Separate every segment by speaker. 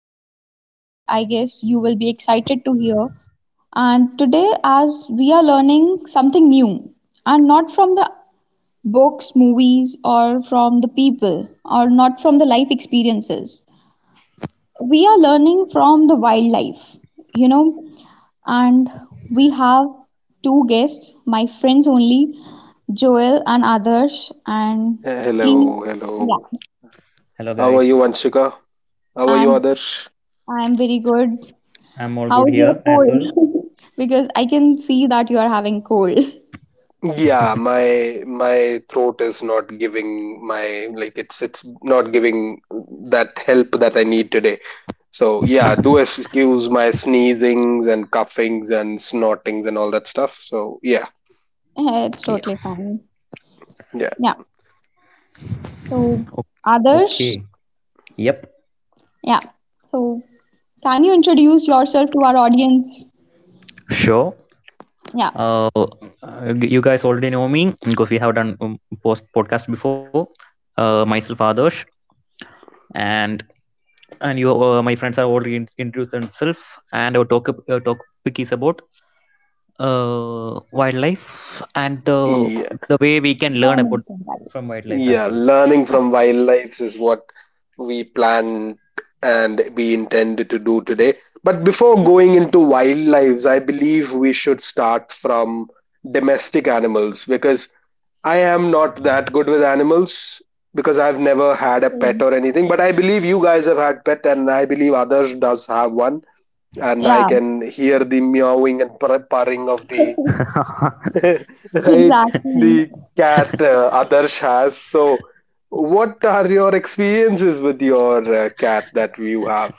Speaker 1: interesting topic. I guess you will be excited to hear. And today, as we are learning something new, and not from the books, movies, or from the people, or not from the life experiences, we are learning from the wildlife. You know, and we have two guests, my friends only, Joel and Adarsh. And please,
Speaker 2: Hello, hello.
Speaker 1: yeah,
Speaker 3: Hello, guys.
Speaker 2: How are you, Anshika? How are you,
Speaker 1: I'm
Speaker 2: Adarsh?
Speaker 1: I'm very good.
Speaker 3: I'm all good
Speaker 1: How's your
Speaker 3: here as well.
Speaker 1: cold? Because I can see that you are having cold.
Speaker 2: Yeah, my throat is not giving my like it's not giving that help that I need today. So yeah, do excuse my sneezings and coughings and snortings and all that stuff. So yeah,
Speaker 1: It's
Speaker 3: Yeah.
Speaker 1: totally fine.
Speaker 2: yeah,
Speaker 1: Yeah. So
Speaker 3: o-
Speaker 1: Adarsh,
Speaker 3: Okay. Yep.
Speaker 1: yeah. So can you introduce yourself to our audience?
Speaker 3: Sure.
Speaker 1: Yeah.
Speaker 3: You guys already know me because we have done post podcast before. Myself Adarsh, and and you my friends are already introduced themselves, and our talk topic is about wildlife and
Speaker 1: Yeah.
Speaker 2: yeah.
Speaker 3: the way we can
Speaker 1: Go
Speaker 3: learn
Speaker 1: on and
Speaker 3: about
Speaker 1: say bye.
Speaker 3: from wildlife as
Speaker 2: Yeah,
Speaker 3: well.
Speaker 2: learning
Speaker 1: Yeah.
Speaker 2: from wildlife is what we plan and we intend to do today. But before
Speaker 1: Yeah.
Speaker 2: going into wildlife, I believe we should start from domestic animals because I am not that good with animals because I've never had a
Speaker 1: So,
Speaker 2: pet or anything. But I believe you guys have had pet, and I believe others does have one. And I can hear the meowing and purring of
Speaker 1: yeah.
Speaker 2: the right?
Speaker 1: Exactly.
Speaker 2: The cat
Speaker 1: So,
Speaker 2: Adarsh has. So, what are your experiences with your cat that you have?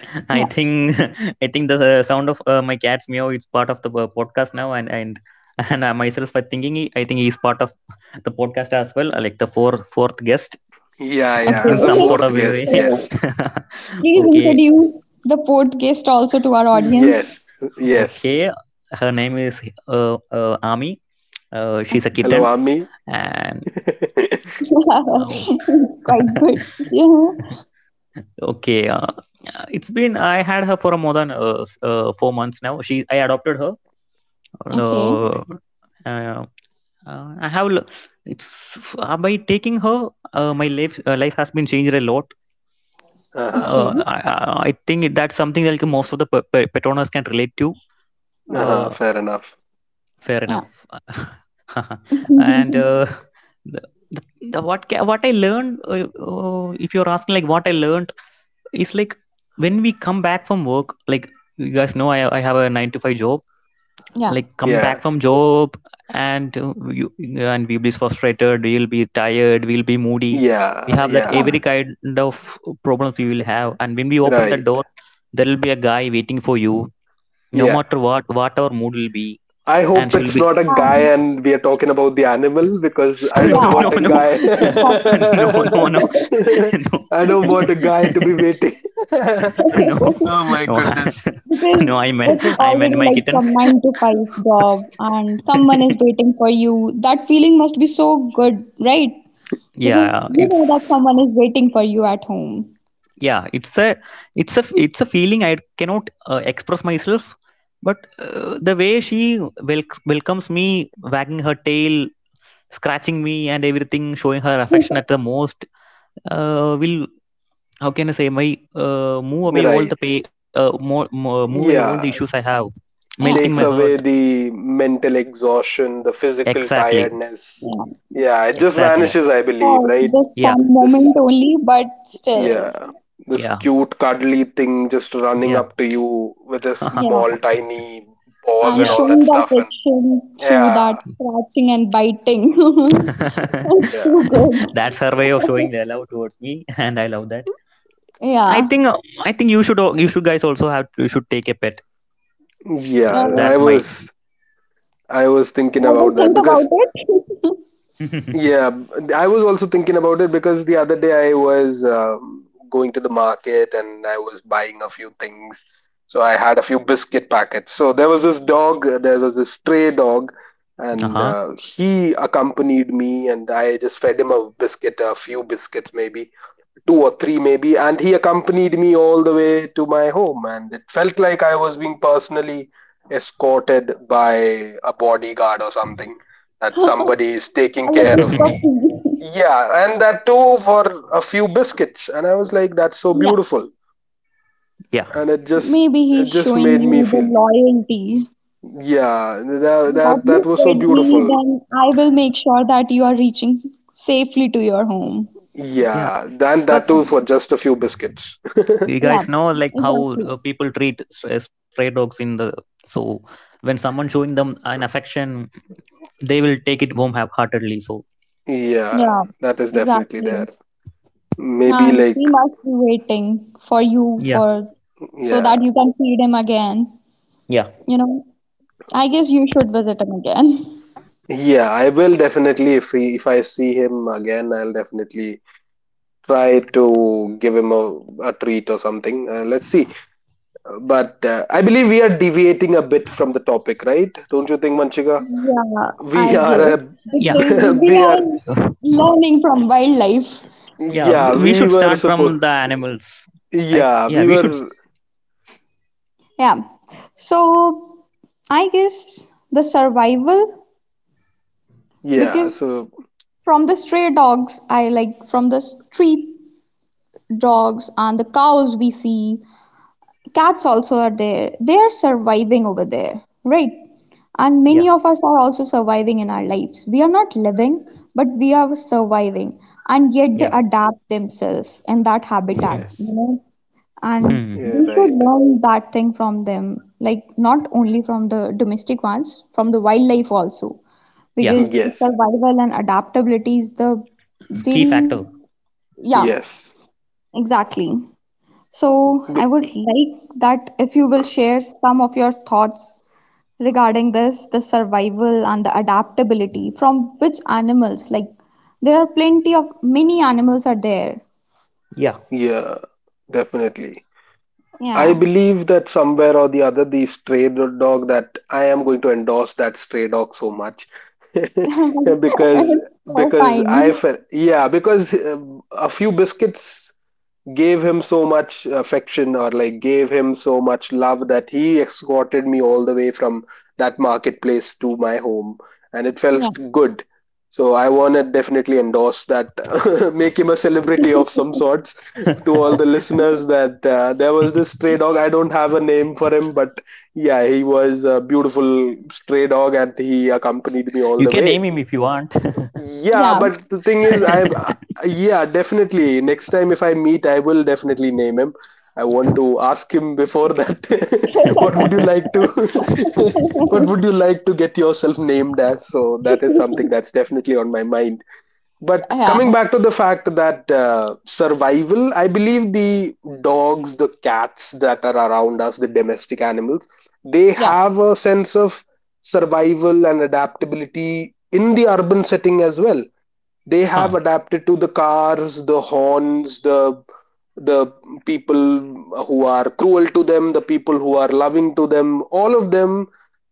Speaker 3: I think I think the sound of my cat's meow is part of the podcast now, and and myself I thinking I think he's part of the podcast as well, like the fourth guest
Speaker 2: Yeah,
Speaker 3: in
Speaker 2: yeah. As the
Speaker 3: some
Speaker 1: okay.
Speaker 3: sort
Speaker 2: fourth
Speaker 3: of a
Speaker 2: guest,
Speaker 3: way.
Speaker 2: yes,
Speaker 1: So please
Speaker 3: Okay,
Speaker 1: introduce the fourth guest also to our audience.
Speaker 2: yes, yes.
Speaker 3: okay. Her name is Ami. She's a
Speaker 2: Hello,
Speaker 3: kitten,
Speaker 1: Okay.
Speaker 2: Ami.
Speaker 3: and oh.
Speaker 1: It's quite good. Yeah.
Speaker 3: okay uh, it's been I had her for more than 4 months now. She I adopted her.
Speaker 1: Okay.
Speaker 3: uh, uh, uh, I have l- it's by taking her, my life has been changed a lot.
Speaker 2: Uh-huh.
Speaker 1: Okay.
Speaker 3: I think that's something that, like, most of the Petronas can relate to.
Speaker 2: Uh-huh.
Speaker 3: Uh,
Speaker 2: Fair enough.
Speaker 3: Fair
Speaker 1: Yeah.
Speaker 3: enough. and the, the, the what ca- What I learned, if you're asking, like, what I learned, is, like, when we come back from work, like, you guys know, I have a 9-to-5 job,
Speaker 1: Yeah.
Speaker 3: like come
Speaker 2: Yeah,
Speaker 3: back from job, and uh, you and we'll be frustrated, we'll be tired, we'll be moody, we
Speaker 2: yeah,
Speaker 3: have that
Speaker 1: Yeah.
Speaker 3: every
Speaker 2: yeah.
Speaker 3: kind of problems we will have, and when we open the
Speaker 2: Right.
Speaker 3: door, there will be a guy waiting for you, no
Speaker 2: Yeah.
Speaker 3: matter what our mood will be.
Speaker 2: I
Speaker 3: And
Speaker 2: hope
Speaker 3: she'll
Speaker 2: it's
Speaker 3: be.
Speaker 2: not a guy
Speaker 1: Um,
Speaker 2: and we are talking about the animal because I don't
Speaker 3: No, no,
Speaker 2: want a
Speaker 3: no.
Speaker 1: yeah.
Speaker 2: guy.
Speaker 1: Exactly.
Speaker 3: No, no, no. No.
Speaker 2: I don't want a guy to be waiting.
Speaker 3: No,
Speaker 2: Oh my
Speaker 3: no.
Speaker 2: goodness.
Speaker 3: No.
Speaker 1: Because
Speaker 3: i meant
Speaker 1: it's
Speaker 3: i meant
Speaker 1: already
Speaker 3: my
Speaker 1: like
Speaker 3: kitten.
Speaker 1: from 9-to-5 job and someone is waiting for you. That feeling must be so good, right? Because
Speaker 3: Yeah,
Speaker 1: you know that someone is waiting for you at home.
Speaker 3: yeah it's a it's a feeling I cannot express myself, but the way she welcomes me, wagging her tail, scratching me and everything, showing her affection at the most. Will How can I say, my move away all the
Speaker 2: Right.
Speaker 3: pay more, more move away all the issues I
Speaker 2: Yeah.
Speaker 3: have, melting
Speaker 1: Yeah.
Speaker 3: my
Speaker 2: Takes
Speaker 3: heart.
Speaker 2: away the mental exhaustion, the physical
Speaker 3: Exactly.
Speaker 2: tiredness.
Speaker 1: Yeah.
Speaker 2: Yeah. It just
Speaker 3: Exactly.
Speaker 2: vanishes, I believe,
Speaker 1: For
Speaker 2: right?
Speaker 1: this
Speaker 3: Yeah,
Speaker 1: some moment
Speaker 2: This,
Speaker 1: only, but still,
Speaker 2: yeah. This
Speaker 3: yeah,
Speaker 2: cute, cuddly thing just running
Speaker 3: yeah.
Speaker 2: up to you with a
Speaker 1: yeah,
Speaker 2: small, tiny paws
Speaker 1: and
Speaker 2: and
Speaker 3: Yeah.
Speaker 2: all that
Speaker 1: showing the
Speaker 2: stuff and
Speaker 1: affection through that
Speaker 2: yeah,
Speaker 1: scratching and biting. It's
Speaker 2: yeah,
Speaker 1: too
Speaker 3: That's her way of
Speaker 1: good.
Speaker 3: showing their love towards me, and I love that. I
Speaker 1: Yeah,
Speaker 3: think I think you should, guys also have, you should take a pet.
Speaker 2: yeah.
Speaker 1: uh,
Speaker 3: That's my.
Speaker 2: I was
Speaker 1: I
Speaker 2: thinking
Speaker 1: will
Speaker 2: about
Speaker 1: think
Speaker 2: that
Speaker 1: about
Speaker 2: because
Speaker 1: it.
Speaker 2: yeah, I was also thinking about it because the other day I was going to the market and I was buying a few things. So I had a few biscuit packets. So there was this stray dog,
Speaker 3: uh
Speaker 2: and
Speaker 3: huh.
Speaker 2: he accompanied me, and I just fed him a biscuit, a few biscuits maybe. Two or three maybe, and he accompanied me all the way to my home, and it felt like I was being personally escorted by a bodyguard or something, that somebody is taking
Speaker 1: A
Speaker 2: care of
Speaker 1: little
Speaker 2: me.
Speaker 1: puppy.
Speaker 2: Yeah, and that too for a few biscuits, and I was like, that's so
Speaker 1: Yeah,
Speaker 2: beautiful.
Speaker 3: Yeah,
Speaker 2: And
Speaker 1: maybe
Speaker 2: it
Speaker 1: he's
Speaker 2: just
Speaker 1: showing
Speaker 2: made me
Speaker 1: you the
Speaker 2: feel
Speaker 1: loyalty
Speaker 2: yeah that
Speaker 1: that
Speaker 2: that
Speaker 1: you
Speaker 2: was so
Speaker 1: fed me,
Speaker 2: beautiful.
Speaker 1: then I will make sure that you are reaching safely to your home.
Speaker 3: yeah.
Speaker 2: Yeah, and that
Speaker 3: Because
Speaker 1: Yeah,
Speaker 2: too for just a few biscuits.
Speaker 3: you
Speaker 1: yeah,
Speaker 3: guys know like how
Speaker 1: exactly.
Speaker 3: people treat stray dogs in the. So when someone showing them an affection, they will take it home half-heartedly. So,
Speaker 2: Yeah,
Speaker 1: Yeah,
Speaker 2: that is definitely
Speaker 1: exactly.
Speaker 2: there. Maybe
Speaker 1: And
Speaker 2: like,
Speaker 1: he must be waiting for you
Speaker 3: yeah,
Speaker 1: for so that
Speaker 2: yeah,
Speaker 1: you can feed him again.
Speaker 3: yeah,
Speaker 1: You know, I guess you should visit him again.
Speaker 2: yeah, I will definitely, if he, if I see him again, I'll definitely try to give him a treat or something. Let's see. But I believe we are deviating a bit from the topic, right? Don't you think, Manchika?
Speaker 1: Yeah,
Speaker 2: We
Speaker 1: I
Speaker 2: are
Speaker 1: guess
Speaker 2: a,
Speaker 3: yeah.
Speaker 1: because we
Speaker 2: we are
Speaker 1: are learning from wildlife.
Speaker 3: Yeah,
Speaker 2: yeah,
Speaker 3: we should
Speaker 2: we
Speaker 3: start
Speaker 2: were
Speaker 3: from
Speaker 2: supposed
Speaker 3: the animals, right?
Speaker 2: yeah,
Speaker 3: Yeah,
Speaker 2: we were
Speaker 1: Yeah. So I guess the survival,
Speaker 2: yeah,
Speaker 1: because
Speaker 2: so
Speaker 1: from the stray dogs, I like from the street dogs and the cows we see. Cats also are there. They are surviving over there, right? And many of us are also surviving in our lives. We are not living, but we are surviving. And yet
Speaker 3: yeah, yeah.
Speaker 1: they adapt themselves in that
Speaker 3: Hmm.
Speaker 1: habitat, you
Speaker 2: yes.
Speaker 1: know? And
Speaker 3: Hmm.
Speaker 2: Yeah,
Speaker 1: we should
Speaker 2: right.
Speaker 1: learn that thing from them, like not only from the domestic ones, from the wildlife also.
Speaker 3: Yeah.
Speaker 1: Because the
Speaker 2: Yes.
Speaker 1: survival and adaptability is the
Speaker 3: Key
Speaker 1: very,
Speaker 3: factor.
Speaker 1: yeah,
Speaker 2: Yes.
Speaker 1: exactly. So, I
Speaker 2: B-
Speaker 1: would like that if you will share some of your thoughts regarding this, the survival and the adaptability from which animals, like there are plenty of many animals are there.
Speaker 3: Yeah.
Speaker 2: yeah, definitely. I
Speaker 1: Yeah.
Speaker 2: believe that somewhere or the other, the stray dog that I am going to endorse that stray dog so much because
Speaker 1: It's so
Speaker 2: because
Speaker 1: fine.
Speaker 2: I felt yeah because a few biscuits gave him so much affection, or like gave him so much love, that he escorted me all the way from that marketplace to my home, and it felt
Speaker 1: Yeah.
Speaker 2: good. So I want to definitely endorse that. Make him a celebrity of some sorts, to all the listeners, that there was this stray dog. I don't have a name for him, but yeah, he was a beautiful stray dog, and he accompanied me
Speaker 3: You
Speaker 2: all
Speaker 3: can
Speaker 2: the
Speaker 3: name
Speaker 2: way.
Speaker 3: him if you want.
Speaker 2: Yeah,
Speaker 1: Yeah.
Speaker 2: but the thing is, I yeah, definitely. Next time if I meet, I will definitely name him. I want to ask him before that. What would you like to? What would you like to get yourself named as? So that is something that's definitely on my mind. But
Speaker 1: Yeah.
Speaker 2: coming back to the fact that survival, I believe the dogs, the cats that are around us, the domestic animals, they
Speaker 1: Yeah.
Speaker 2: have a sense of survival and adaptability in the urban setting as well. They have
Speaker 3: Huh.
Speaker 2: adapted to the cars, the horns, the people who are cruel to them, the people who are loving to them, all of them,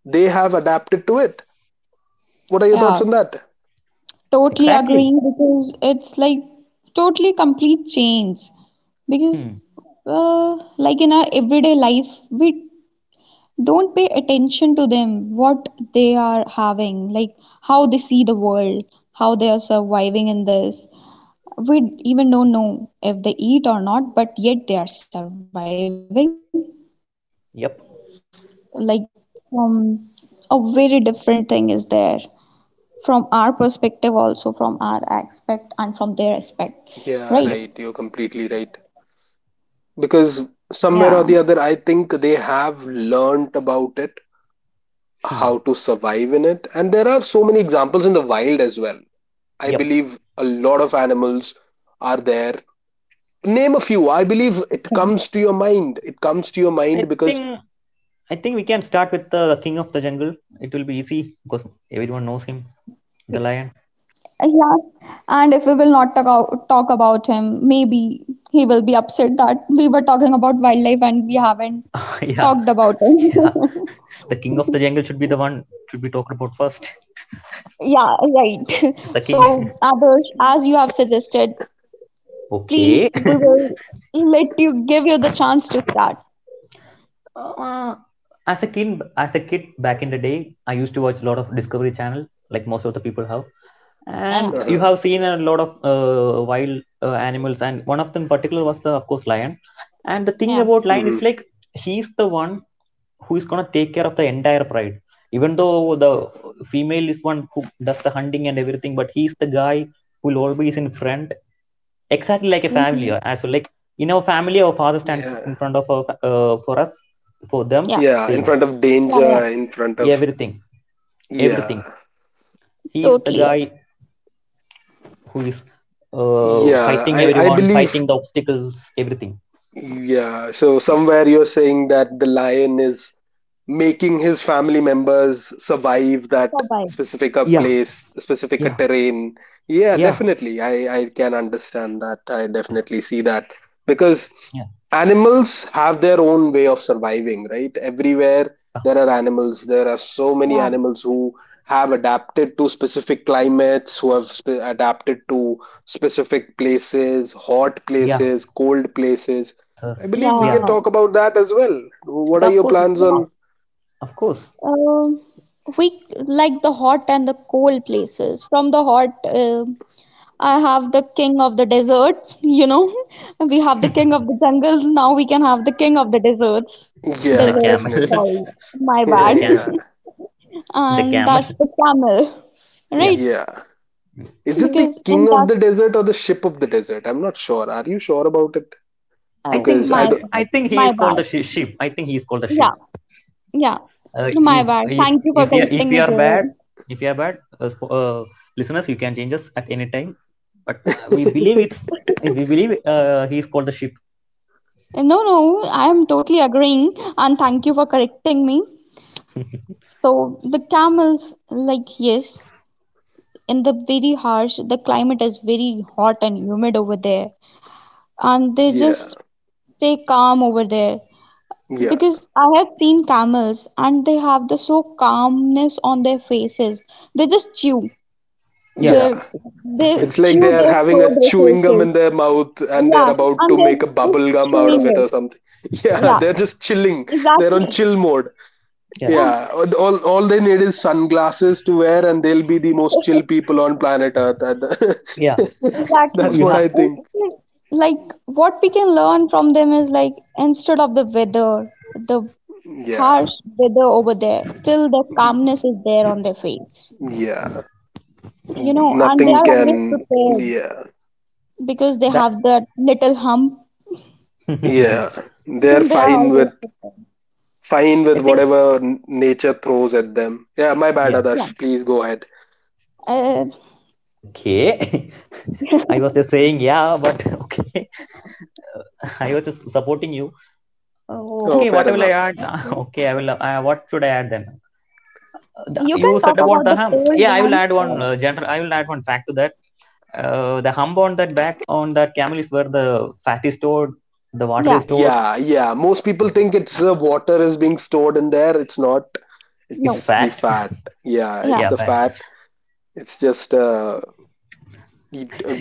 Speaker 2: they have adapted to it. What are your
Speaker 1: Yeah.
Speaker 2: thoughts on that?
Speaker 1: Totally agree
Speaker 3: Exactly.
Speaker 1: because it's like totally complete change, because
Speaker 3: Hmm.
Speaker 1: like in our everyday life we don't pay attention to them, what they are having, like how they see the world, how they are surviving in this. We even don't know if they eat or not, but yet they are surviving,
Speaker 3: Yep.
Speaker 1: like from a very different thing is there, from our perspective also, from our aspect and from their aspects,
Speaker 2: Yeah,
Speaker 1: right?
Speaker 3: Yep.
Speaker 2: right. You're completely right. Because somewhere
Speaker 1: Yeah,
Speaker 2: or the other, I think they have learnt about it,
Speaker 3: Hmm.
Speaker 2: how to survive in it. And there are so many examples in the wild as well. I
Speaker 3: Yep.
Speaker 2: believe a lot of animals are there. Name a few, I believe it
Speaker 1: okay.
Speaker 2: comes to your mind.
Speaker 3: I
Speaker 2: Because
Speaker 3: think I think we can start with the king of the jungle. It will be easy because everyone knows him, the lion.
Speaker 1: Yeah, and if we will not talk about him, maybe he will be upset that we were talking about wildlife and we haven't
Speaker 3: Yeah,
Speaker 1: talked about
Speaker 3: yeah.
Speaker 1: it.
Speaker 3: The king of the jungle should be the one, should be talked about first.
Speaker 1: Yeah,
Speaker 2: yeah,
Speaker 1: right.
Speaker 2: definitely.
Speaker 3: It's the king.
Speaker 1: So, Adarsh, as you have suggested,
Speaker 3: Okay.
Speaker 1: please, we will let you give you the chance to start.
Speaker 3: Uh, as a kid back in the day, I used to watch a lot of Discovery Channel, like most of the people have.
Speaker 1: Yeah,
Speaker 3: And you
Speaker 2: Uh-huh.
Speaker 3: have seen a lot of wild animals, and one of them particular was the, of course, lion. And the
Speaker 1: yeah,
Speaker 3: thing about lion
Speaker 2: Hmm.
Speaker 3: is, like, he's the one who is gonna take care of the entire pride. Even though the female is one who does the hunting and everything, but he's the guy who will always in front, exactly like a family,
Speaker 1: hmm,
Speaker 3: as well, like in our family our father stands
Speaker 2: Yeah,
Speaker 3: in front of our for us, for them,
Speaker 1: yeah,
Speaker 2: yeah. In
Speaker 3: same,
Speaker 2: front of
Speaker 1: yeah, yeah,
Speaker 2: danger, in front of
Speaker 3: everything
Speaker 2: yeah,
Speaker 3: everything He is the
Speaker 1: totally.
Speaker 3: guy who is
Speaker 2: yeah,
Speaker 3: fighting
Speaker 2: I
Speaker 3: everyone,
Speaker 2: believe
Speaker 3: fighting the obstacles, everything.
Speaker 2: yeah, so somewhere you're saying that the lion is making his family members survive that
Speaker 1: Bye-bye.
Speaker 3: Yeah,
Speaker 2: specific a
Speaker 3: yeah,
Speaker 2: terrain. Yeah,
Speaker 3: yeah,
Speaker 2: definitely. I can understand that. I
Speaker 3: yeah,
Speaker 2: definitely see that. Because
Speaker 3: yeah,
Speaker 2: animals have their own way of surviving, right? Everywhere
Speaker 3: yeah,
Speaker 2: there are animals. There are so many
Speaker 1: Yeah,
Speaker 2: animals who have adapted to specific climates, who have sp adapted to specific places, hot
Speaker 3: yeah.
Speaker 2: places, cold places. I
Speaker 3: Thus,
Speaker 2: believe we
Speaker 3: yeah.
Speaker 1: yeah,
Speaker 2: can talk about that as well. What
Speaker 3: Yeah,
Speaker 2: are
Speaker 3: of
Speaker 2: your
Speaker 3: course
Speaker 2: plans
Speaker 1: yeah.
Speaker 2: on?
Speaker 3: of course
Speaker 1: Um, we like the hot and the cold places. From the hot, I have the king of the desert, you know. We have the king of the jungles. Now we can have the king of the deserts.
Speaker 3: The
Speaker 2: Yeah,
Speaker 1: Desert,
Speaker 3: camel.
Speaker 2: definitely.
Speaker 1: sorry. My bad.
Speaker 3: the
Speaker 2: Yeah,
Speaker 3: cam
Speaker 2: yeah,
Speaker 3: the
Speaker 1: And
Speaker 3: camel,
Speaker 1: that's the camel,
Speaker 3: yeah.
Speaker 1: right?
Speaker 2: yeah. Is it the
Speaker 1: Because in
Speaker 2: king of
Speaker 1: that,
Speaker 2: the desert or the ship of the desert? I'm not sure. Are you sure about it?
Speaker 3: i
Speaker 1: oh,
Speaker 2: Because
Speaker 3: think
Speaker 2: I
Speaker 1: my
Speaker 2: don't.
Speaker 3: he, I
Speaker 1: bad.
Speaker 3: think he
Speaker 1: My
Speaker 3: is called
Speaker 1: bad.
Speaker 3: the sheep. I think he is called the sheep
Speaker 1: Yeah, yeah.
Speaker 3: uh,
Speaker 1: My
Speaker 3: if,
Speaker 1: bad. Thank you for
Speaker 3: you,
Speaker 1: correcting
Speaker 3: if
Speaker 1: me,
Speaker 3: you are bad
Speaker 1: Joel.
Speaker 3: if you are bad listeners, you can change us at any time. But we believe he is called the ship.
Speaker 1: No, no, I am totally agreeing. And thank you for correcting me. So the camels, like, yes, in the very harsh the climate is very hot and humid over there, and they
Speaker 2: Yeah,
Speaker 1: just stay calm over there,
Speaker 2: yeah,
Speaker 1: because I have seen camels and they have the so calmness on their faces. They just chew
Speaker 3: Yeah.
Speaker 1: their,
Speaker 2: yeah.
Speaker 1: they
Speaker 3: It
Speaker 2: It's
Speaker 3: is
Speaker 2: like
Speaker 3: true.
Speaker 2: they
Speaker 1: chew
Speaker 2: are
Speaker 1: their
Speaker 2: having
Speaker 1: stored
Speaker 2: a chewing gum in
Speaker 1: resources.
Speaker 2: their mouth and they're
Speaker 1: Yeah,
Speaker 2: about to
Speaker 1: and
Speaker 2: make
Speaker 1: they're
Speaker 2: a
Speaker 1: just
Speaker 2: bubble gum
Speaker 1: chewing
Speaker 2: out
Speaker 1: it.
Speaker 2: of it or something.
Speaker 1: Yeah,
Speaker 2: Yeah, they're just chilling. They're
Speaker 1: exactly.
Speaker 2: on chill mode.
Speaker 3: Yeah,
Speaker 1: um,
Speaker 2: Yeah, all they need is sunglasses to wear, and they'll be the most chill people on planet Earth. At
Speaker 3: yeah.
Speaker 2: the-
Speaker 1: exactly.
Speaker 3: Oh,
Speaker 2: That's
Speaker 3: you
Speaker 2: what
Speaker 3: have
Speaker 2: I think.
Speaker 1: Instead- like what we can learn from them is, like, instead of the weather, the
Speaker 2: Yeah,
Speaker 1: harsh weather over there. Still, the calmness is there on their face.
Speaker 2: yeah.
Speaker 1: You know, and they
Speaker 2: Nothing
Speaker 1: are
Speaker 2: can.
Speaker 1: always prepared
Speaker 2: Yeah,
Speaker 1: because they
Speaker 3: that's.
Speaker 1: have that little hump.
Speaker 2: yeah. They're
Speaker 1: They are always prepared.
Speaker 2: fine
Speaker 3: I
Speaker 2: with
Speaker 3: think.
Speaker 2: whatever nature throws at them. Yeah, my bad,
Speaker 3: Yeah,
Speaker 1: Yeah.
Speaker 2: Adarsh. Please go ahead.
Speaker 1: Uh,
Speaker 3: okay. I was just saying, yeah, but. Okay. I was just supporting you. Oh,
Speaker 2: Oh,
Speaker 3: okay,
Speaker 2: fair
Speaker 3: what will I
Speaker 2: enough.
Speaker 3: add?
Speaker 1: okay.
Speaker 3: Okay, I will. What should I add then?
Speaker 1: You can
Speaker 3: You
Speaker 1: talk
Speaker 3: said about
Speaker 1: about
Speaker 3: the
Speaker 1: the
Speaker 3: hum.
Speaker 1: cold
Speaker 3: Yeah, I will
Speaker 1: ones.
Speaker 3: add one general. I will add one fact to that. The hump on that back, on that camel, is where the fat is stored, the water
Speaker 1: Yeah.
Speaker 3: is stored.
Speaker 2: Yeah, yeah. Most people think it's water is being stored in there. It's not.
Speaker 3: It's
Speaker 1: No.
Speaker 2: It's the
Speaker 3: fat.
Speaker 2: fat. Yeah,
Speaker 1: Yeah.
Speaker 2: it's
Speaker 3: Yeah,
Speaker 2: the
Speaker 3: fat.
Speaker 2: fat. It's just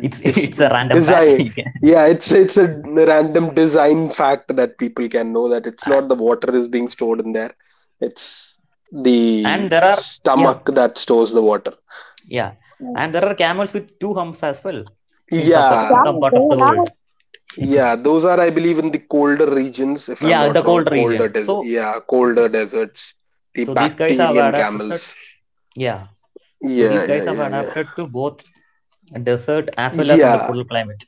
Speaker 3: It's It's a random fat.
Speaker 2: design
Speaker 3: You can.
Speaker 2: yeah it's a random design fact that people can know, that it's
Speaker 3: a-
Speaker 2: not the water is being stored in there, it's
Speaker 3: and there
Speaker 2: the
Speaker 3: are. Yeah,
Speaker 2: stomach that stores the water.
Speaker 3: yeah,
Speaker 1: Yeah.
Speaker 3: and there are camels with two humps as well in in
Speaker 2: Yeah,
Speaker 3: some
Speaker 1: Yeah.
Speaker 3: part
Speaker 1: They
Speaker 3: of the
Speaker 1: are.
Speaker 3: world.
Speaker 2: yeah, those are, I believe, in the colder regions, if I'm
Speaker 3: Yeah, the
Speaker 2: not wrong,
Speaker 3: cold region. So
Speaker 2: yeah colder deserts, the
Speaker 3: so these guys have
Speaker 2: bacterian
Speaker 3: adapted.
Speaker 2: camels.
Speaker 3: Yeah, so these
Speaker 2: Yeah,
Speaker 3: guys
Speaker 2: yeah,
Speaker 3: have
Speaker 2: yeah, yeah,
Speaker 3: adapted to both desert as well as in the
Speaker 2: yeah.
Speaker 3: cold climate.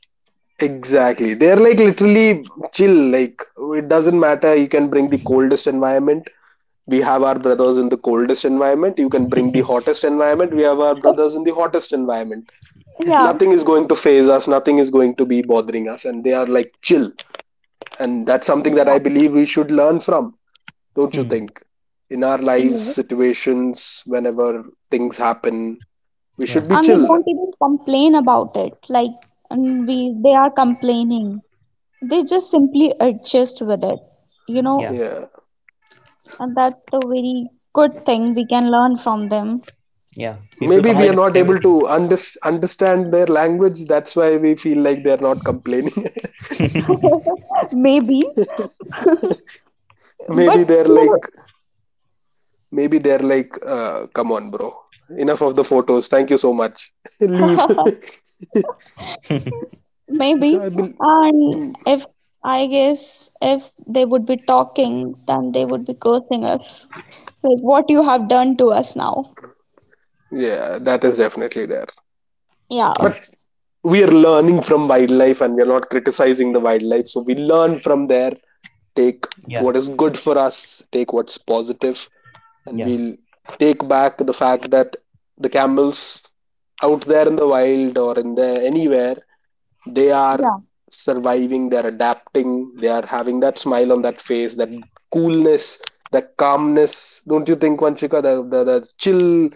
Speaker 2: Exactly, they're like literally chill. Like, it doesn't matter, you can bring the coldest environment, we have our brothers in the coldest environment, you can bring the hottest environment, we have our brothers in the hottest environment.
Speaker 1: Yeah.
Speaker 2: Nothing is going to phase us, nothing is going to be bothering us, and they are like chill. And that's something that I
Speaker 1: Exactly.
Speaker 2: believe we should learn from. Don't you think, in our lives
Speaker 1: Yes.
Speaker 2: situations, whenever things happen, we
Speaker 3: Yeah,
Speaker 2: should be
Speaker 1: And they
Speaker 2: chill.
Speaker 1: don't even complain about it. Like and we, they are complaining. They just simply adjust with it. You know,
Speaker 3: yeah,
Speaker 2: Yeah,
Speaker 1: and that's the very good thing we can learn from them,
Speaker 3: yeah. People
Speaker 2: maybe we
Speaker 1: right?
Speaker 2: are
Speaker 3: complain about
Speaker 2: not able
Speaker 3: everything.
Speaker 2: to understand their language, that's why we feel like they're not complaining.
Speaker 1: Maybe,
Speaker 2: Maybe
Speaker 1: but
Speaker 2: they're
Speaker 1: still,
Speaker 2: like, maybe they're like, come on, bro. Enough of the photos. Thank you so much. Leave. So I
Speaker 1: maybe.
Speaker 2: will.
Speaker 1: And if I guess if they would be talking, then they would be cursing us. Like what you have done to us now.
Speaker 2: Yeah, that is definitely there.
Speaker 1: Yeah,
Speaker 3: Yeah,
Speaker 2: But we are learning from wildlife, and we are not criticizing the wildlife. So we learn from there, take
Speaker 3: yeah,
Speaker 2: what is good for us, take what's positive, and
Speaker 3: yeah.
Speaker 2: we'll take back the fact that the camels out there in the wild or in the anywhere, they are
Speaker 1: yeah,
Speaker 2: surviving, they're adapting, they are having that smile on that face, that coolness, that calmness. Don't you think, Vanchika, the chill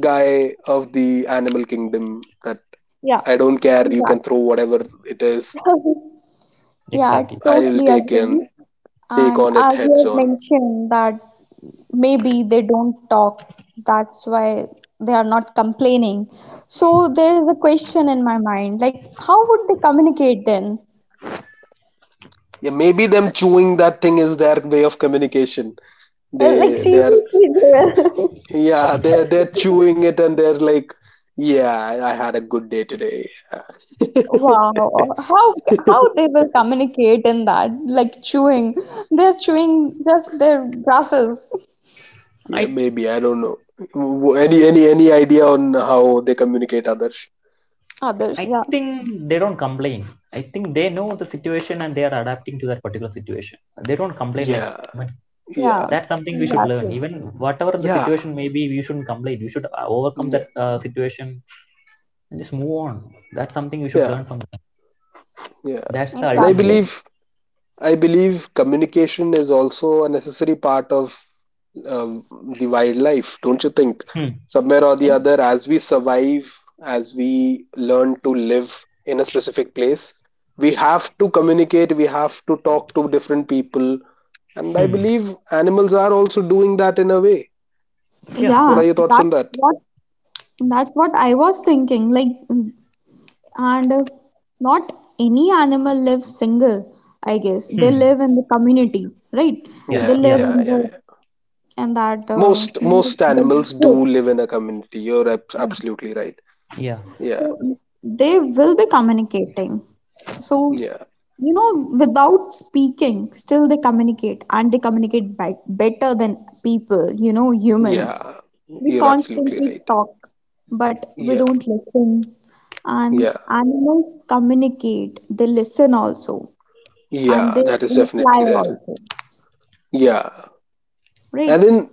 Speaker 2: guy of the animal kingdom, that
Speaker 1: yeah,
Speaker 2: I don't care, you can
Speaker 1: exactly.
Speaker 2: throw whatever it is,
Speaker 1: Yeah,
Speaker 3: Exactly.
Speaker 2: I'll
Speaker 1: totally
Speaker 2: take in
Speaker 1: agree.
Speaker 2: take
Speaker 1: And
Speaker 2: on
Speaker 1: as
Speaker 2: it
Speaker 1: you
Speaker 2: heads
Speaker 1: have
Speaker 2: on.
Speaker 1: mentioned that maybe they don't talk, that's why they are not complaining. So there's a question in my mind, like how would they communicate then?
Speaker 2: Yeah, maybe them chewing that thing is their way of communication.
Speaker 1: Like
Speaker 3: We
Speaker 2: They
Speaker 3: have.
Speaker 2: are
Speaker 1: seriously, Joel.
Speaker 2: Yeah, they're chewing it, and they're like, yeah, I had a good day today.
Speaker 1: Wow, how how they will communicate in that, like chewing? They're chewing just their grasses.
Speaker 2: Yeah,
Speaker 3: I
Speaker 2: maybe I don't know. Any idea on how they communicate, others?
Speaker 1: Others,
Speaker 3: I
Speaker 1: yeah,
Speaker 3: think they don't complain. I think they know the situation and they are adapting to that particular situation. They don't complain like
Speaker 2: Yeah,
Speaker 3: humans.
Speaker 2: yeah,
Speaker 1: yeah,
Speaker 3: That's something we should learn.
Speaker 1: exactly,
Speaker 3: Even whatever the
Speaker 2: yeah,
Speaker 3: situation may be, we shouldn't complain. We should overcome that
Speaker 2: yeah,
Speaker 3: situation and just move on. That's something we should
Speaker 2: yeah,
Speaker 3: learn from them.
Speaker 2: yeah.
Speaker 3: That's the
Speaker 2: And I
Speaker 1: exactly.
Speaker 3: ultimate.
Speaker 2: believe, communication is also a necessary part of um, the wildlife, don't you think?
Speaker 3: Hmm.
Speaker 2: Somewhere or the other, as we survive, as we learn to live in a specific place, we have to communicate. We have to talk to different people, and I
Speaker 3: Hmm.
Speaker 2: believe animals are also doing that in a way.
Speaker 3: Yeah.
Speaker 1: Yeah,
Speaker 2: What are your thoughts on
Speaker 1: that's
Speaker 2: that?
Speaker 1: what that's what I was thinking, like. And not any animal lives single. I guess they
Speaker 3: Hmm.
Speaker 1: live in the community, right?
Speaker 3: Yeah,
Speaker 1: They
Speaker 2: Yeah,
Speaker 3: yeah,
Speaker 1: live in
Speaker 2: yeah,
Speaker 1: the,
Speaker 2: yeah, yeah.
Speaker 1: and that
Speaker 2: Most most
Speaker 1: the
Speaker 2: animals do
Speaker 1: group.
Speaker 2: live in a community. You're
Speaker 1: Yeah,
Speaker 2: absolutely right.
Speaker 3: yeah,
Speaker 2: Yeah,
Speaker 1: so they will be communicating, so
Speaker 2: yeah,
Speaker 1: without speaking still they communicate, and they communicate better than people, you know, humans.
Speaker 2: yeah.
Speaker 1: We
Speaker 2: You're absolutely
Speaker 1: constantly
Speaker 2: right.
Speaker 1: talk but we
Speaker 2: Yeah,
Speaker 1: don't listen. And
Speaker 2: yeah,
Speaker 1: animals communicate, they listen also, and
Speaker 2: yeah.
Speaker 1: they
Speaker 2: That is
Speaker 1: imply
Speaker 2: definitely there.
Speaker 1: also,
Speaker 2: Yeah,
Speaker 1: right?
Speaker 2: and in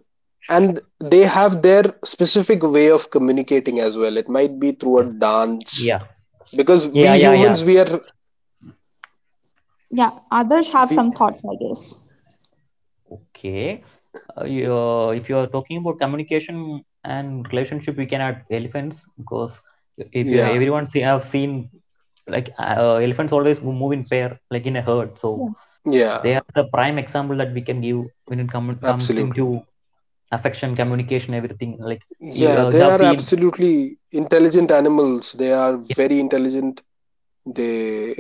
Speaker 2: and they have their specific way of communicating as well. It might be through
Speaker 3: yeah,
Speaker 2: a dance,
Speaker 3: yeah,
Speaker 2: because
Speaker 3: yeah,
Speaker 2: we
Speaker 3: yeah, yeah.
Speaker 2: humans, we are
Speaker 1: Yeah, others have
Speaker 2: we.
Speaker 1: some thoughts, I guess.
Speaker 3: Okay. If you are talking about communication and relationship, we can add elephants because if you
Speaker 2: Yeah,
Speaker 3: everyone have seen, like elephants always move in pair, like in a herd. So
Speaker 1: Yeah,
Speaker 2: yeah.
Speaker 3: they are the prime example that we can give when comes into
Speaker 2: Absolutely.
Speaker 3: affection, communication, everything. Like
Speaker 2: Yeah,
Speaker 3: you
Speaker 2: they
Speaker 3: have
Speaker 2: are
Speaker 3: seen,
Speaker 2: absolutely intelligent animals. They are very intelligent. They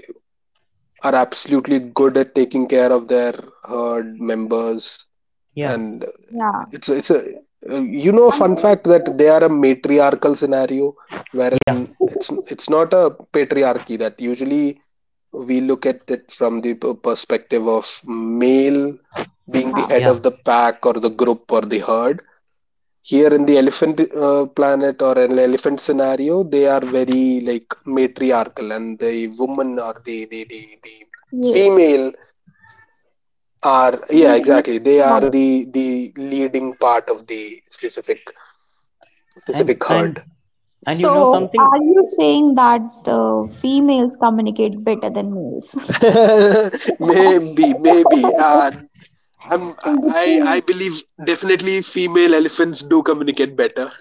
Speaker 2: are absolutely good at taking care of their herd members.
Speaker 3: yeah,
Speaker 2: And
Speaker 1: yeah,
Speaker 2: it's a you know a
Speaker 1: and
Speaker 2: fun fact that
Speaker 1: therefore,
Speaker 2: they are a matriarchal scenario
Speaker 3: yeah,
Speaker 2: wherein it's not a patriarchy that usually we look at it from the perspective of male being the
Speaker 1: yeah,
Speaker 2: head
Speaker 3: yeah,
Speaker 2: of the pack or the group or the herd. Here in the elephant planet or an elephant scenario, they are very like matriarchal, and the woman or the
Speaker 1: yes,
Speaker 2: female are, yeah,
Speaker 1: and it
Speaker 2: exactly,
Speaker 1: makes
Speaker 2: they are
Speaker 1: sense.
Speaker 2: the leading part of the specific
Speaker 3: and and
Speaker 2: herd.
Speaker 3: and you know
Speaker 1: So,
Speaker 3: something.
Speaker 1: are you saying that the females communicate better than males?
Speaker 2: Maybe, I
Speaker 1: Because-
Speaker 2: believe definitely female elephants do communicate better.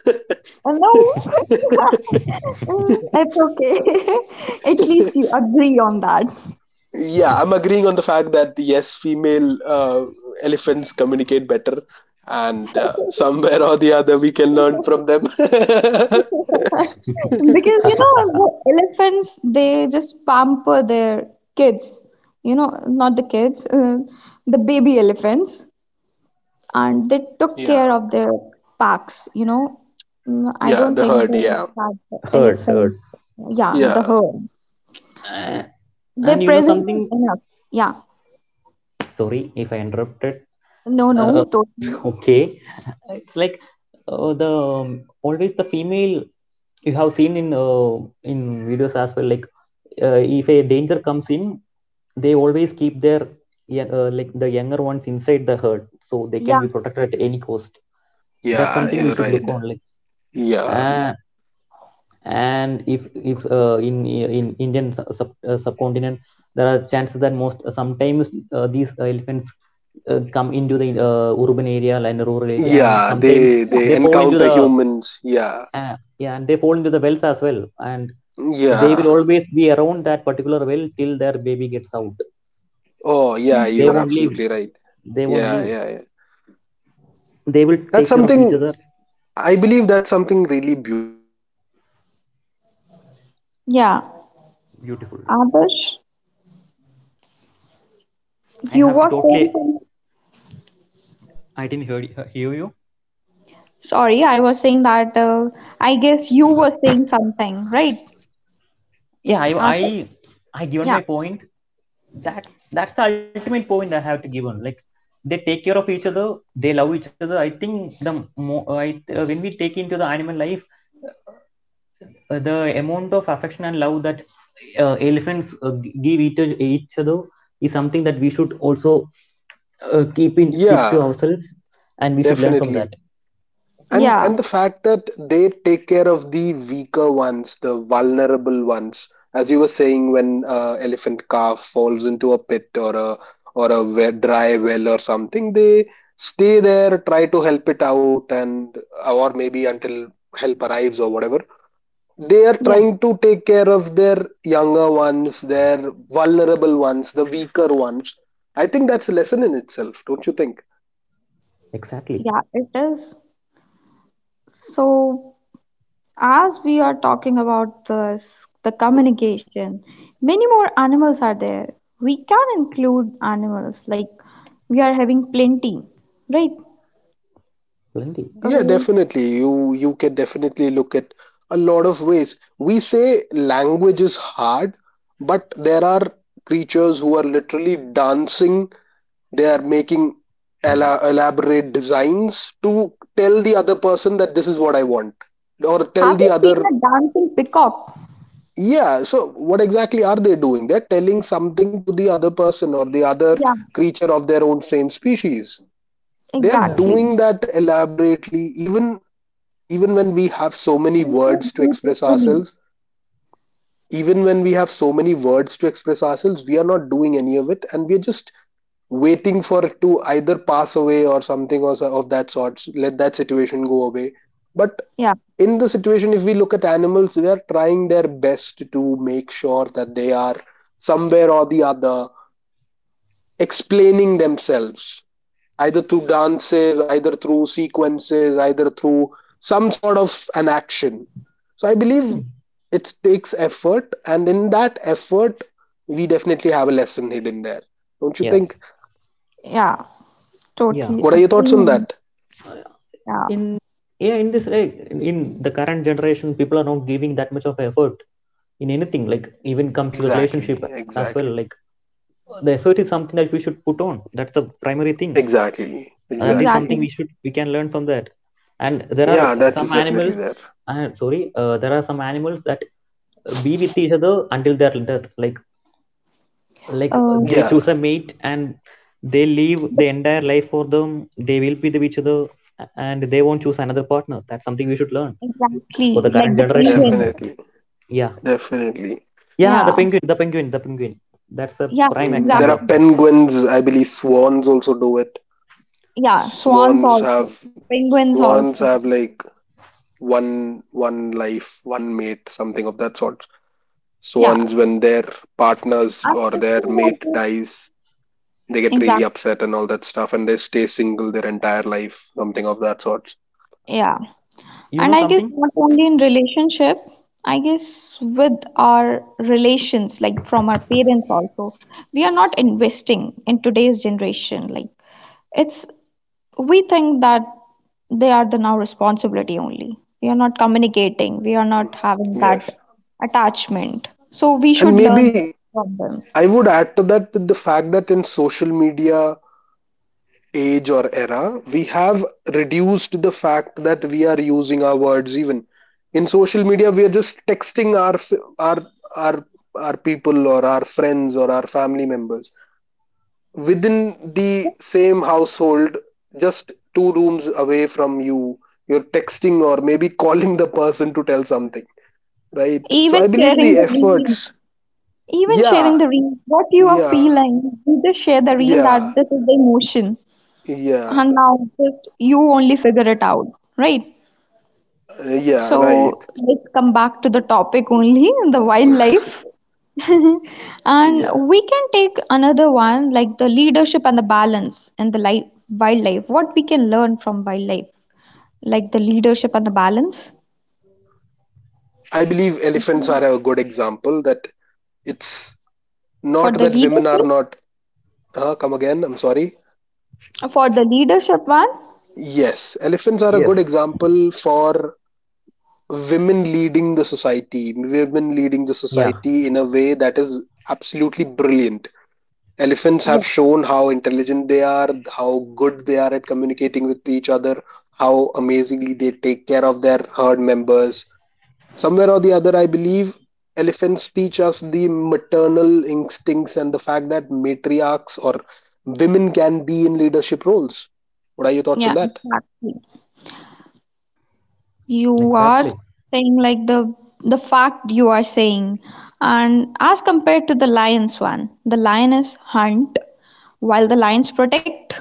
Speaker 1: No, it's okay. At least you agree on that.
Speaker 2: Yeah, I'm agreeing on the fact that yes, female elephants communicate better, and somewhere or the other we can learn from them.
Speaker 1: Because you know the elephants, they just pamper their kids. You know, not the kids, the baby elephants, and they took care
Speaker 2: Yeah.
Speaker 1: of their packs. You know, mm, I
Speaker 2: Yeah,
Speaker 1: don't
Speaker 2: the
Speaker 1: think
Speaker 2: herd,
Speaker 1: they
Speaker 2: yeah.
Speaker 1: had the elephant.
Speaker 3: Heard.
Speaker 1: Yeah, the
Speaker 2: Yeah,
Speaker 1: herd.
Speaker 3: Uh,
Speaker 1: Their
Speaker 3: and you know
Speaker 1: presence is
Speaker 3: something,
Speaker 1: enough. Yeah.
Speaker 3: sorry if I interrupted.
Speaker 1: No,
Speaker 3: uh,
Speaker 1: no, totally.
Speaker 3: Okay. It's like the always the female, you have seen in in videos as well. Like, if a danger comes in, they always keep their like the younger ones inside the herd, so they can
Speaker 1: Yeah,
Speaker 3: be protected at any cost. That's
Speaker 2: yeah,
Speaker 3: something we
Speaker 2: you're
Speaker 3: should look
Speaker 1: exactly.
Speaker 2: right.
Speaker 3: on. Like,
Speaker 2: Yeah,
Speaker 3: yeah uh, and if in Indian subcontinent, there are chances that most sometimes these elephants come into the urban area and rural area, and
Speaker 2: yeah,
Speaker 3: sometimes
Speaker 2: they
Speaker 1: Yeah,
Speaker 3: they fall into
Speaker 2: encounter
Speaker 3: the.
Speaker 2: humans, yeah.
Speaker 3: Yeah, and they fall into the wells as well, and they
Speaker 2: Yeah.
Speaker 3: will always be around that particular well till their baby gets out.
Speaker 2: Oh yeah,
Speaker 3: They
Speaker 2: you're
Speaker 3: won't
Speaker 1: yeah.
Speaker 3: leave.
Speaker 2: absolutely right.
Speaker 3: they won't
Speaker 2: Yeah,
Speaker 3: leave
Speaker 2: yeah, yeah.
Speaker 3: they will
Speaker 2: That's
Speaker 3: take care of each other.
Speaker 2: something. I believe that's something really beautiful, don't you think? Because somewhere or the other,
Speaker 1: Yeah.
Speaker 2: it teaches us
Speaker 3: Beautiful.
Speaker 2: to take care
Speaker 1: Adarsh,
Speaker 2: of the vulnerable, take care of the people
Speaker 3: I
Speaker 1: you
Speaker 2: who
Speaker 3: have to
Speaker 1: were
Speaker 2: are,
Speaker 3: totally.
Speaker 1: saying.
Speaker 3: I didn't hear you.
Speaker 1: Sorry, I was saying that I guess you were saying something, right?
Speaker 3: Yeah,
Speaker 1: Adarsh?
Speaker 3: I given
Speaker 1: Yeah,
Speaker 3: my point. That's the ultimate point I have to give on. Like, they take care of each other, they love each other. I think the mo- I, uh, when we take into the animal life, the amount of affection and love that elephants give each other is something that we should also keep to
Speaker 2: yeah,
Speaker 3: ourselves, and we should learn from
Speaker 2: definitely.
Speaker 3: that.
Speaker 2: And
Speaker 1: yeah,
Speaker 2: the fact that they take care of the weaker ones, the vulnerable ones, as you were saying, when elephant calf falls into a pit or a dry well or something, they stay there, try to help it out, and or maybe until help arrives or whatever, they are
Speaker 1: yeah,
Speaker 2: trying to take care of their younger ones, their vulnerable ones, the weaker ones. I think that's a lesson in itself, don't you think?
Speaker 3: Exactly.
Speaker 1: yeah, it is. So, as we are talking about this, the communication, many more animals are there. We can include animals, like we are having plenty, right?
Speaker 3: Plenty.
Speaker 2: Yeah,
Speaker 1: Uh,
Speaker 2: definitely. You can definitely look at a lot of ways. We say language is hard, but there are creatures who are literally dancing. They are making elaborate designs to tell the other person that this is what I want, or tell
Speaker 1: have you
Speaker 2: the
Speaker 1: seen
Speaker 2: other.
Speaker 1: a dancing peacock?
Speaker 2: Yeah, so what exactly are they doing? They're telling something to the other person or the other
Speaker 1: Yeah,
Speaker 2: creature of their own same species. They're
Speaker 1: exactly.
Speaker 3: That
Speaker 2: doing that elaborately, even when we have so many
Speaker 1: And so
Speaker 2: words to express
Speaker 1: beautifully.
Speaker 2: ourselves, even when we have so many words to express ourselves, we are not doing any of it, and we're just waiting for it to either pass away or something or of that sort. Let that situation go away. But
Speaker 1: Yeah,
Speaker 2: in the situation, if we look at animals, they are trying their best to make sure that they are somewhere or the other explaining themselves, either through dances, either through sequences, either through some sort of an action. So I believe it takes effort, and in that effort we definitely have a lesson hidden there, don't you
Speaker 3: Yeah,
Speaker 2: think?
Speaker 1: yeah,
Speaker 3: yeah.
Speaker 1: totally
Speaker 2: What are your thoughts on
Speaker 1: agree.
Speaker 2: that?
Speaker 1: Yeah.
Speaker 3: in yeah in this, like, in the current generation, people are not giving that much of effort in anything. Like, even comes to the relationship
Speaker 2: Exactly,
Speaker 3: as well. Like,
Speaker 2: exactly.
Speaker 3: the effort is something that we should put on. That's the primary thing.
Speaker 2: Exactly,
Speaker 3: That is
Speaker 1: Exactly.
Speaker 2: exactly.
Speaker 3: something we should, we can learn from that. And there are
Speaker 2: Yeah, that
Speaker 3: some
Speaker 2: is definitely
Speaker 3: animals,
Speaker 2: there.
Speaker 3: sorry there are some animals that be with each other until their death. Like,
Speaker 1: Uh,
Speaker 3: they
Speaker 2: Yeah.
Speaker 3: choose a mate and they live the entire life for them. They will be with each other, and they won't choose another partner. That's something we should learn for
Speaker 1: exactly.
Speaker 3: the current
Speaker 1: Like the
Speaker 3: generation.
Speaker 1: penguins.
Speaker 2: Definitely,
Speaker 3: Yeah,
Speaker 2: definitely.
Speaker 3: yeah. The
Speaker 1: Yeah.
Speaker 3: penguin. That's a
Speaker 1: Yeah.
Speaker 3: prime
Speaker 2: Mm, there
Speaker 3: example
Speaker 2: are
Speaker 3: of
Speaker 1: Exactly.
Speaker 3: that.
Speaker 2: penguins, I believe swans also do it.
Speaker 1: Yeah. Swans
Speaker 2: Swans
Speaker 1: also.
Speaker 2: have,
Speaker 1: Penguins also.
Speaker 2: like one life, one mate, something of that sort.
Speaker 1: Yeah.
Speaker 2: Swans, when their partners
Speaker 1: And
Speaker 2: or
Speaker 1: this
Speaker 2: their
Speaker 1: is
Speaker 2: mate dies, they get really
Speaker 1: exactly.
Speaker 2: upset and all that stuff and they stay single their entire life, something of that sort.
Speaker 1: Yeah.
Speaker 3: You
Speaker 1: And
Speaker 3: know
Speaker 1: I guess
Speaker 3: something.
Speaker 1: not only in relationship, I guess with our relations, like from our parents also, we are not investing in today's generation. Like, it's, we think that they are the now responsibility only. We are not communicating, we are not having that
Speaker 2: Yes.
Speaker 1: attachment. So we should
Speaker 2: And
Speaker 1: learn this
Speaker 2: maybe
Speaker 1: from them.
Speaker 2: I would add to that the fact that in social media age or era, we have reduced the fact that we are using our words even. In social media, we are just texting our our our people or our friends or our family members within the same household, just two rooms away from you. You're texting or maybe calling the person to tell something, right? So
Speaker 1: Even
Speaker 2: I believe
Speaker 1: sharing
Speaker 2: the
Speaker 1: the
Speaker 2: efforts.
Speaker 1: reels, even sharing
Speaker 2: Yeah,
Speaker 1: the reels, what you are
Speaker 2: yeah,
Speaker 1: feeling, you just share the reel that
Speaker 2: yeah,
Speaker 1: this is the emotion.
Speaker 2: yeah,
Speaker 1: And now just you only figure it out, right?
Speaker 2: yeah, right.
Speaker 1: So let's come back to the topic only, the wildlife. And
Speaker 2: Yeah.
Speaker 1: we can take another one, like the leadership and the balance in the life, wildlife. What we can learn from wildlife, like the leadership and the balance.
Speaker 2: I believe elephants are a good example that it's
Speaker 1: For
Speaker 2: not
Speaker 1: the
Speaker 2: that women are
Speaker 1: leadership,
Speaker 2: not. Huh, come again, I'm sorry.
Speaker 1: for the leadership one,
Speaker 2: Yes, elephants are a good
Speaker 3: Yes.
Speaker 2: example for women leading the society, women leading the
Speaker 3: Yeah,
Speaker 2: society in a way that is absolutely brilliant. Elephants
Speaker 1: yeah,
Speaker 2: have shown how intelligent they are, how good they are at communicating with each other, how amazingly they take care of their herd members. Somewhere or the other, I believe elephants teach us the maternal instincts and the fact that matriarchs or women can be in leadership roles. What are your thoughts on
Speaker 1: yeah,
Speaker 2: that?
Speaker 1: exactly. You are
Speaker 3: exactly,
Speaker 1: saying like the fact you are saying and as compared to the lions one, the lioness hunt while the lions protect.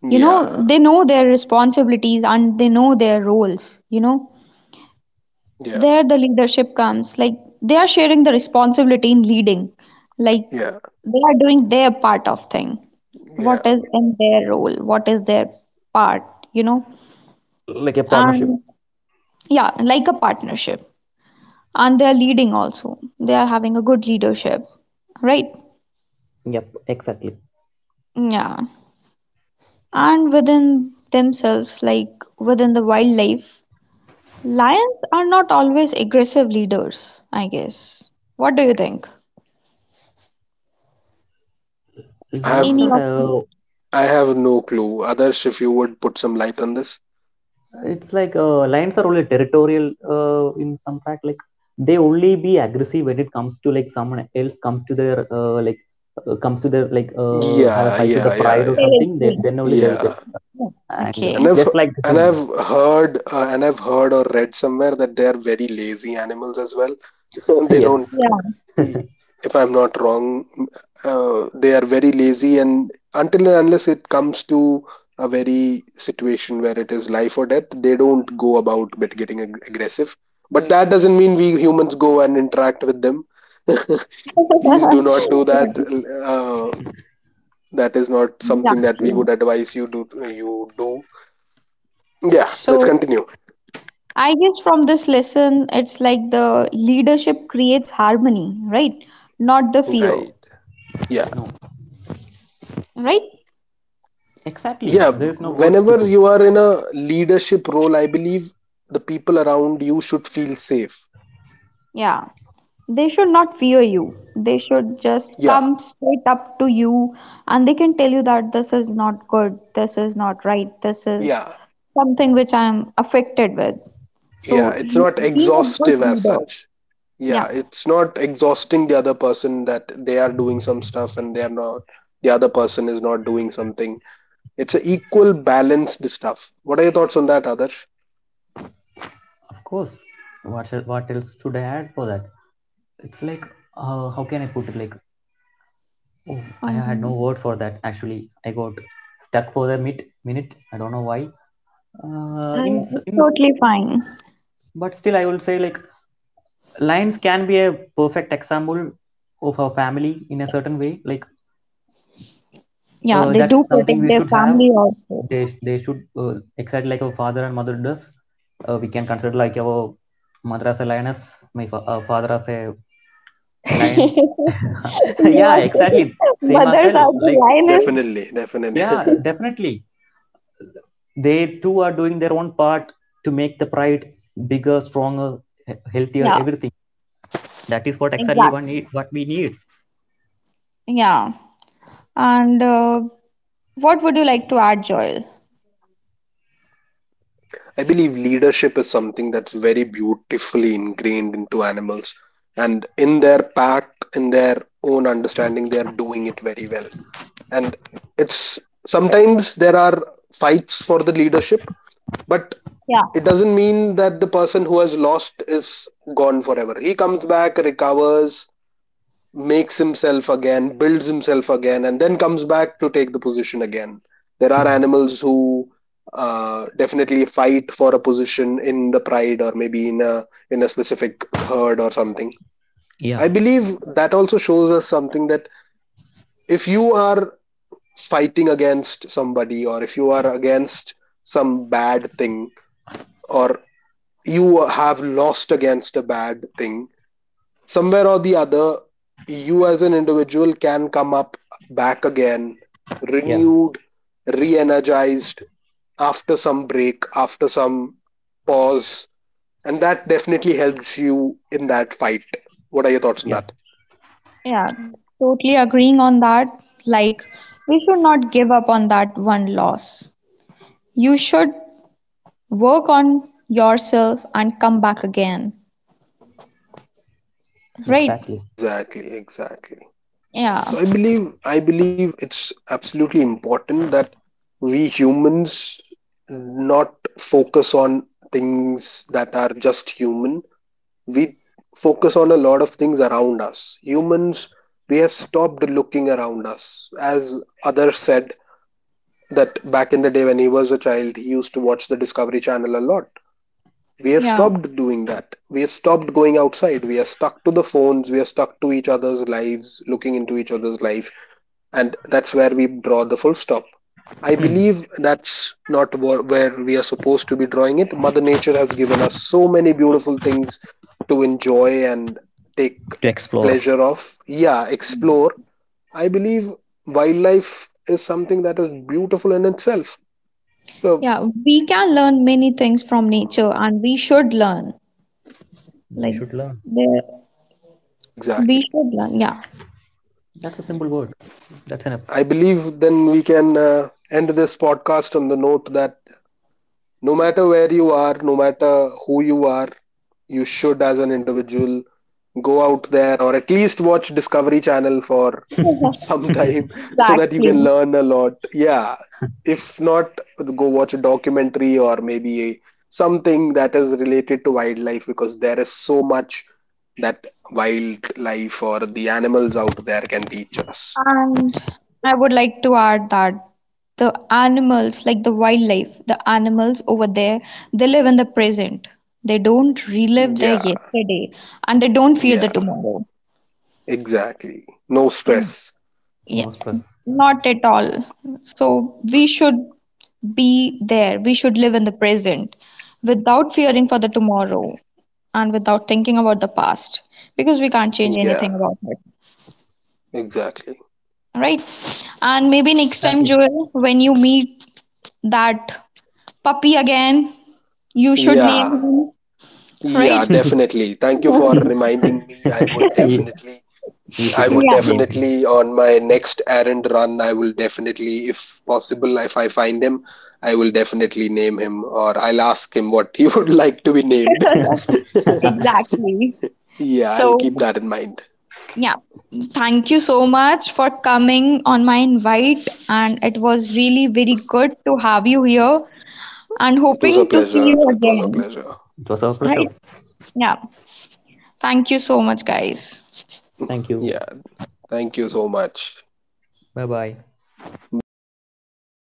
Speaker 1: You know, they
Speaker 2: Yeah,
Speaker 1: know their responsibilities and they know their roles, you know.
Speaker 2: yeah,
Speaker 1: There the leadership comes, like they are sharing the responsibility in leading, like
Speaker 2: yeah,
Speaker 1: they are doing their part of thing,
Speaker 2: yeah.
Speaker 1: what is in their role, what is their part, you know.
Speaker 3: like a partnership.
Speaker 1: And yeah, like a partnership, and they're leading also, they are having a good leadership, right?
Speaker 3: Yep. Exactly.
Speaker 1: Yeah. And within themselves, like within the wildlife, lions are not always aggressive leaders, I guess. What do you think?
Speaker 2: I
Speaker 3: lions are
Speaker 1: Any
Speaker 2: have,
Speaker 1: of the
Speaker 2: no clue. Others, if you would put some light on this.
Speaker 3: It's like lions are only territorial in some fact. Like, they only be aggressive when it comes to, like, someone else comes to their have a
Speaker 2: Yeah,
Speaker 3: fight with the
Speaker 2: yeah, yeah,
Speaker 3: pride or
Speaker 2: yeah,
Speaker 1: favorite
Speaker 3: something. They,
Speaker 1: drink.
Speaker 3: then only they will
Speaker 2: yeah.
Speaker 3: get
Speaker 1: Yeah.
Speaker 3: anger,
Speaker 1: Okay.
Speaker 2: And
Speaker 3: just like the
Speaker 2: I've
Speaker 3: humans.
Speaker 2: heard, and I've heard or read somewhere that they're very lazy animals as well. They don't,
Speaker 3: Yes.
Speaker 1: Yeah.
Speaker 3: No.
Speaker 2: if I'm not wrong, they are very lazy, and until and unless it comes to a very situation where it is life or death, they don't go about bit getting aggressive. But hmm, that doesn't mean we humans go and interact with them. Please do not do that.
Speaker 1: Yeah,
Speaker 2: Uh, that is not something that we would
Speaker 1: exactly.
Speaker 2: advise you do. You do. Yeah, let's
Speaker 1: So
Speaker 2: continue.
Speaker 1: I guess from this lesson it's like the leadership creates harmony, right? Not the fear,
Speaker 2: Right. Yeah.
Speaker 1: right?
Speaker 3: Exactly.
Speaker 2: Yeah,
Speaker 3: There is no words to
Speaker 2: whenever
Speaker 3: put.
Speaker 2: you are in a leadership role, I believe the people around you should feel safe.
Speaker 1: Yeah. They should not fear you. They should just
Speaker 2: Yeah,
Speaker 1: come straight up to you and they can tell you that this is not good, this is not right, this is
Speaker 2: yeah,
Speaker 1: something which I am affected with. So
Speaker 2: yeah. It's
Speaker 1: you
Speaker 2: not
Speaker 1: be a good
Speaker 2: exhaustive as
Speaker 1: leader.
Speaker 2: such. Yeah,
Speaker 1: Yeah.
Speaker 2: it's not exhausting the other person that they are doing some stuff and they are not, the other person is not doing something. It's an equal balanced stuff. What are your thoughts on that, Adarsh?
Speaker 3: Of course. What else should I add for that? It's like, how can I put it? Like, oh, I had no
Speaker 1: Um,
Speaker 3: word for that. Actually, I got stuck for the mid minute. I don't know why. In,
Speaker 1: and
Speaker 3: s-
Speaker 1: it's
Speaker 3: in
Speaker 1: totally fine.
Speaker 3: But still I will say, like, lions can be a perfect example of a family in a certain way. Like,
Speaker 1: Yeah, they
Speaker 3: that's
Speaker 1: do
Speaker 3: something
Speaker 1: protect
Speaker 3: we
Speaker 1: their
Speaker 3: should have.
Speaker 1: family also.
Speaker 3: They should excite like our father and mother does. We can consider like our mother as a lioness, father as a lion.
Speaker 1: You
Speaker 3: Yeah,
Speaker 1: are so-
Speaker 3: exactly. Same as
Speaker 1: mothers
Speaker 3: well.
Speaker 1: are the
Speaker 3: Like,
Speaker 1: lioness.
Speaker 2: Definitely, definitely.
Speaker 3: yeah, definitely. They too are doing their own part to make the pride bigger, stronger, healthier,
Speaker 1: Yeah,
Speaker 3: everything. That is what exactly one
Speaker 1: exactly.
Speaker 3: need, what we need.
Speaker 1: Yeah. And what would you like to add, Joel?
Speaker 2: I believe leadership is something that's very beautifully ingrained into animals. And in their pack, in their own understanding, they are doing it very well. And it's, sometimes there are fights for the leadership, but
Speaker 1: Yeah,
Speaker 2: it doesn't mean that the person who has lost is gone forever. He comes back, recovers, makes himself again, builds himself again, and then comes back to take the position again. There are
Speaker 3: Hmm.
Speaker 2: animals who definitely fight for a position in the pride or maybe in a specific herd or something.
Speaker 3: Yeah.
Speaker 2: I believe that also shows us something, that if you are fighting against somebody, or if you are against some bad thing, or you have lost against a bad thing, somewhere or the other, you as an individual can come up back again,
Speaker 3: Yeah,
Speaker 2: renewed, re energized after some break, after some pause. And that definitely helps you in that fight. What are your thoughts on
Speaker 3: yeah,
Speaker 2: that?
Speaker 1: yeah, totally agreeing on that. Like, we should not give up on that one loss. You should work on yourself and come back again, right?
Speaker 3: exactly.
Speaker 2: Exactly, exactly.
Speaker 1: Yeah,
Speaker 2: So I believe, it's absolutely important that we humans not focus on things that are just human. We focus on a lot of things around us. Humans, we have stopped looking around us. As others said, that back in the day when he was a child he used to watch the Discovery Channel a lot. We have
Speaker 1: yeah,
Speaker 2: stopped doing that. We have stopped going outside. We are stuck to the phones. We are stuck to each other's lives, looking into each other's life, and that's where we draw the full stop. I
Speaker 3: Hmm.
Speaker 2: believe that's not where we are supposed to be drawing it. Mother Nature has given us so many beautiful things to enjoy and take
Speaker 3: To explore.
Speaker 2: pleasure of. Yeah, explore. I believe wildlife is something that is beautiful in itself. So,
Speaker 1: yeah. We can learn many things from nature, and we should learn.
Speaker 3: We
Speaker 1: Like,
Speaker 3: should learn.
Speaker 1: there, we
Speaker 2: exactly.
Speaker 1: should learn. Yeah,
Speaker 3: That's a simple word. That's enough.
Speaker 2: I believe then we can end this podcast on the note that no matter where you are, no matter who you are, you should, as an individual, go out there or at least watch Discovery Channel for some time, so that you
Speaker 1: exactly.
Speaker 2: can learn a lot. Yeah, if not, go watch a documentary or maybe a, something that is related to wildlife, because there is so much that wildlife or the animals out there can teach us.
Speaker 1: And I would like to add that the animals, like the wildlife, the animals over there, they live in the present. They don't relive their
Speaker 2: Yeah.
Speaker 1: yesterday and they don't fear the
Speaker 2: Yeah,
Speaker 1: tomorrow.
Speaker 2: exactly, no
Speaker 1: Mm,
Speaker 2: stress.
Speaker 3: No
Speaker 1: yeah,
Speaker 3: stress.
Speaker 1: not at all. So we should be there. We should live in the present without fearing for the tomorrow and without thinking about the past, because we can't change
Speaker 2: Yeah,
Speaker 1: anything about it.
Speaker 2: exactly.
Speaker 1: Right? And maybe next time,
Speaker 3: Exactly.
Speaker 1: Joel, when you meet that puppy again, you should name
Speaker 2: Yeah,
Speaker 1: him,
Speaker 2: yeah,
Speaker 1: right?
Speaker 2: definitely. Thank you for reminding me. I would
Speaker 3: you,
Speaker 2: definitely,
Speaker 3: you should
Speaker 1: Yeah,
Speaker 3: name him.
Speaker 2: on my next errand run, I will definitely, if possible, if I find him, I will definitely name him, or I'll ask him what he would like to be named.
Speaker 3: It
Speaker 1: exactly.
Speaker 2: Yeah, I'll keep
Speaker 1: So,
Speaker 2: that in mind.
Speaker 1: yeah, thank you so much for coming on my invite, and it was really very good to have you here and
Speaker 2: It was
Speaker 1: hoping
Speaker 2: a
Speaker 1: to see
Speaker 2: pleasure.
Speaker 1: you
Speaker 2: It was a
Speaker 1: again,
Speaker 2: pleasure.
Speaker 3: was our pleasure.
Speaker 1: right? Yeah, thank you so much, guys.
Speaker 3: Thank you.
Speaker 2: Yeah, thank you so much.
Speaker 3: Bye bye.
Speaker 2: Bye bye. Take care.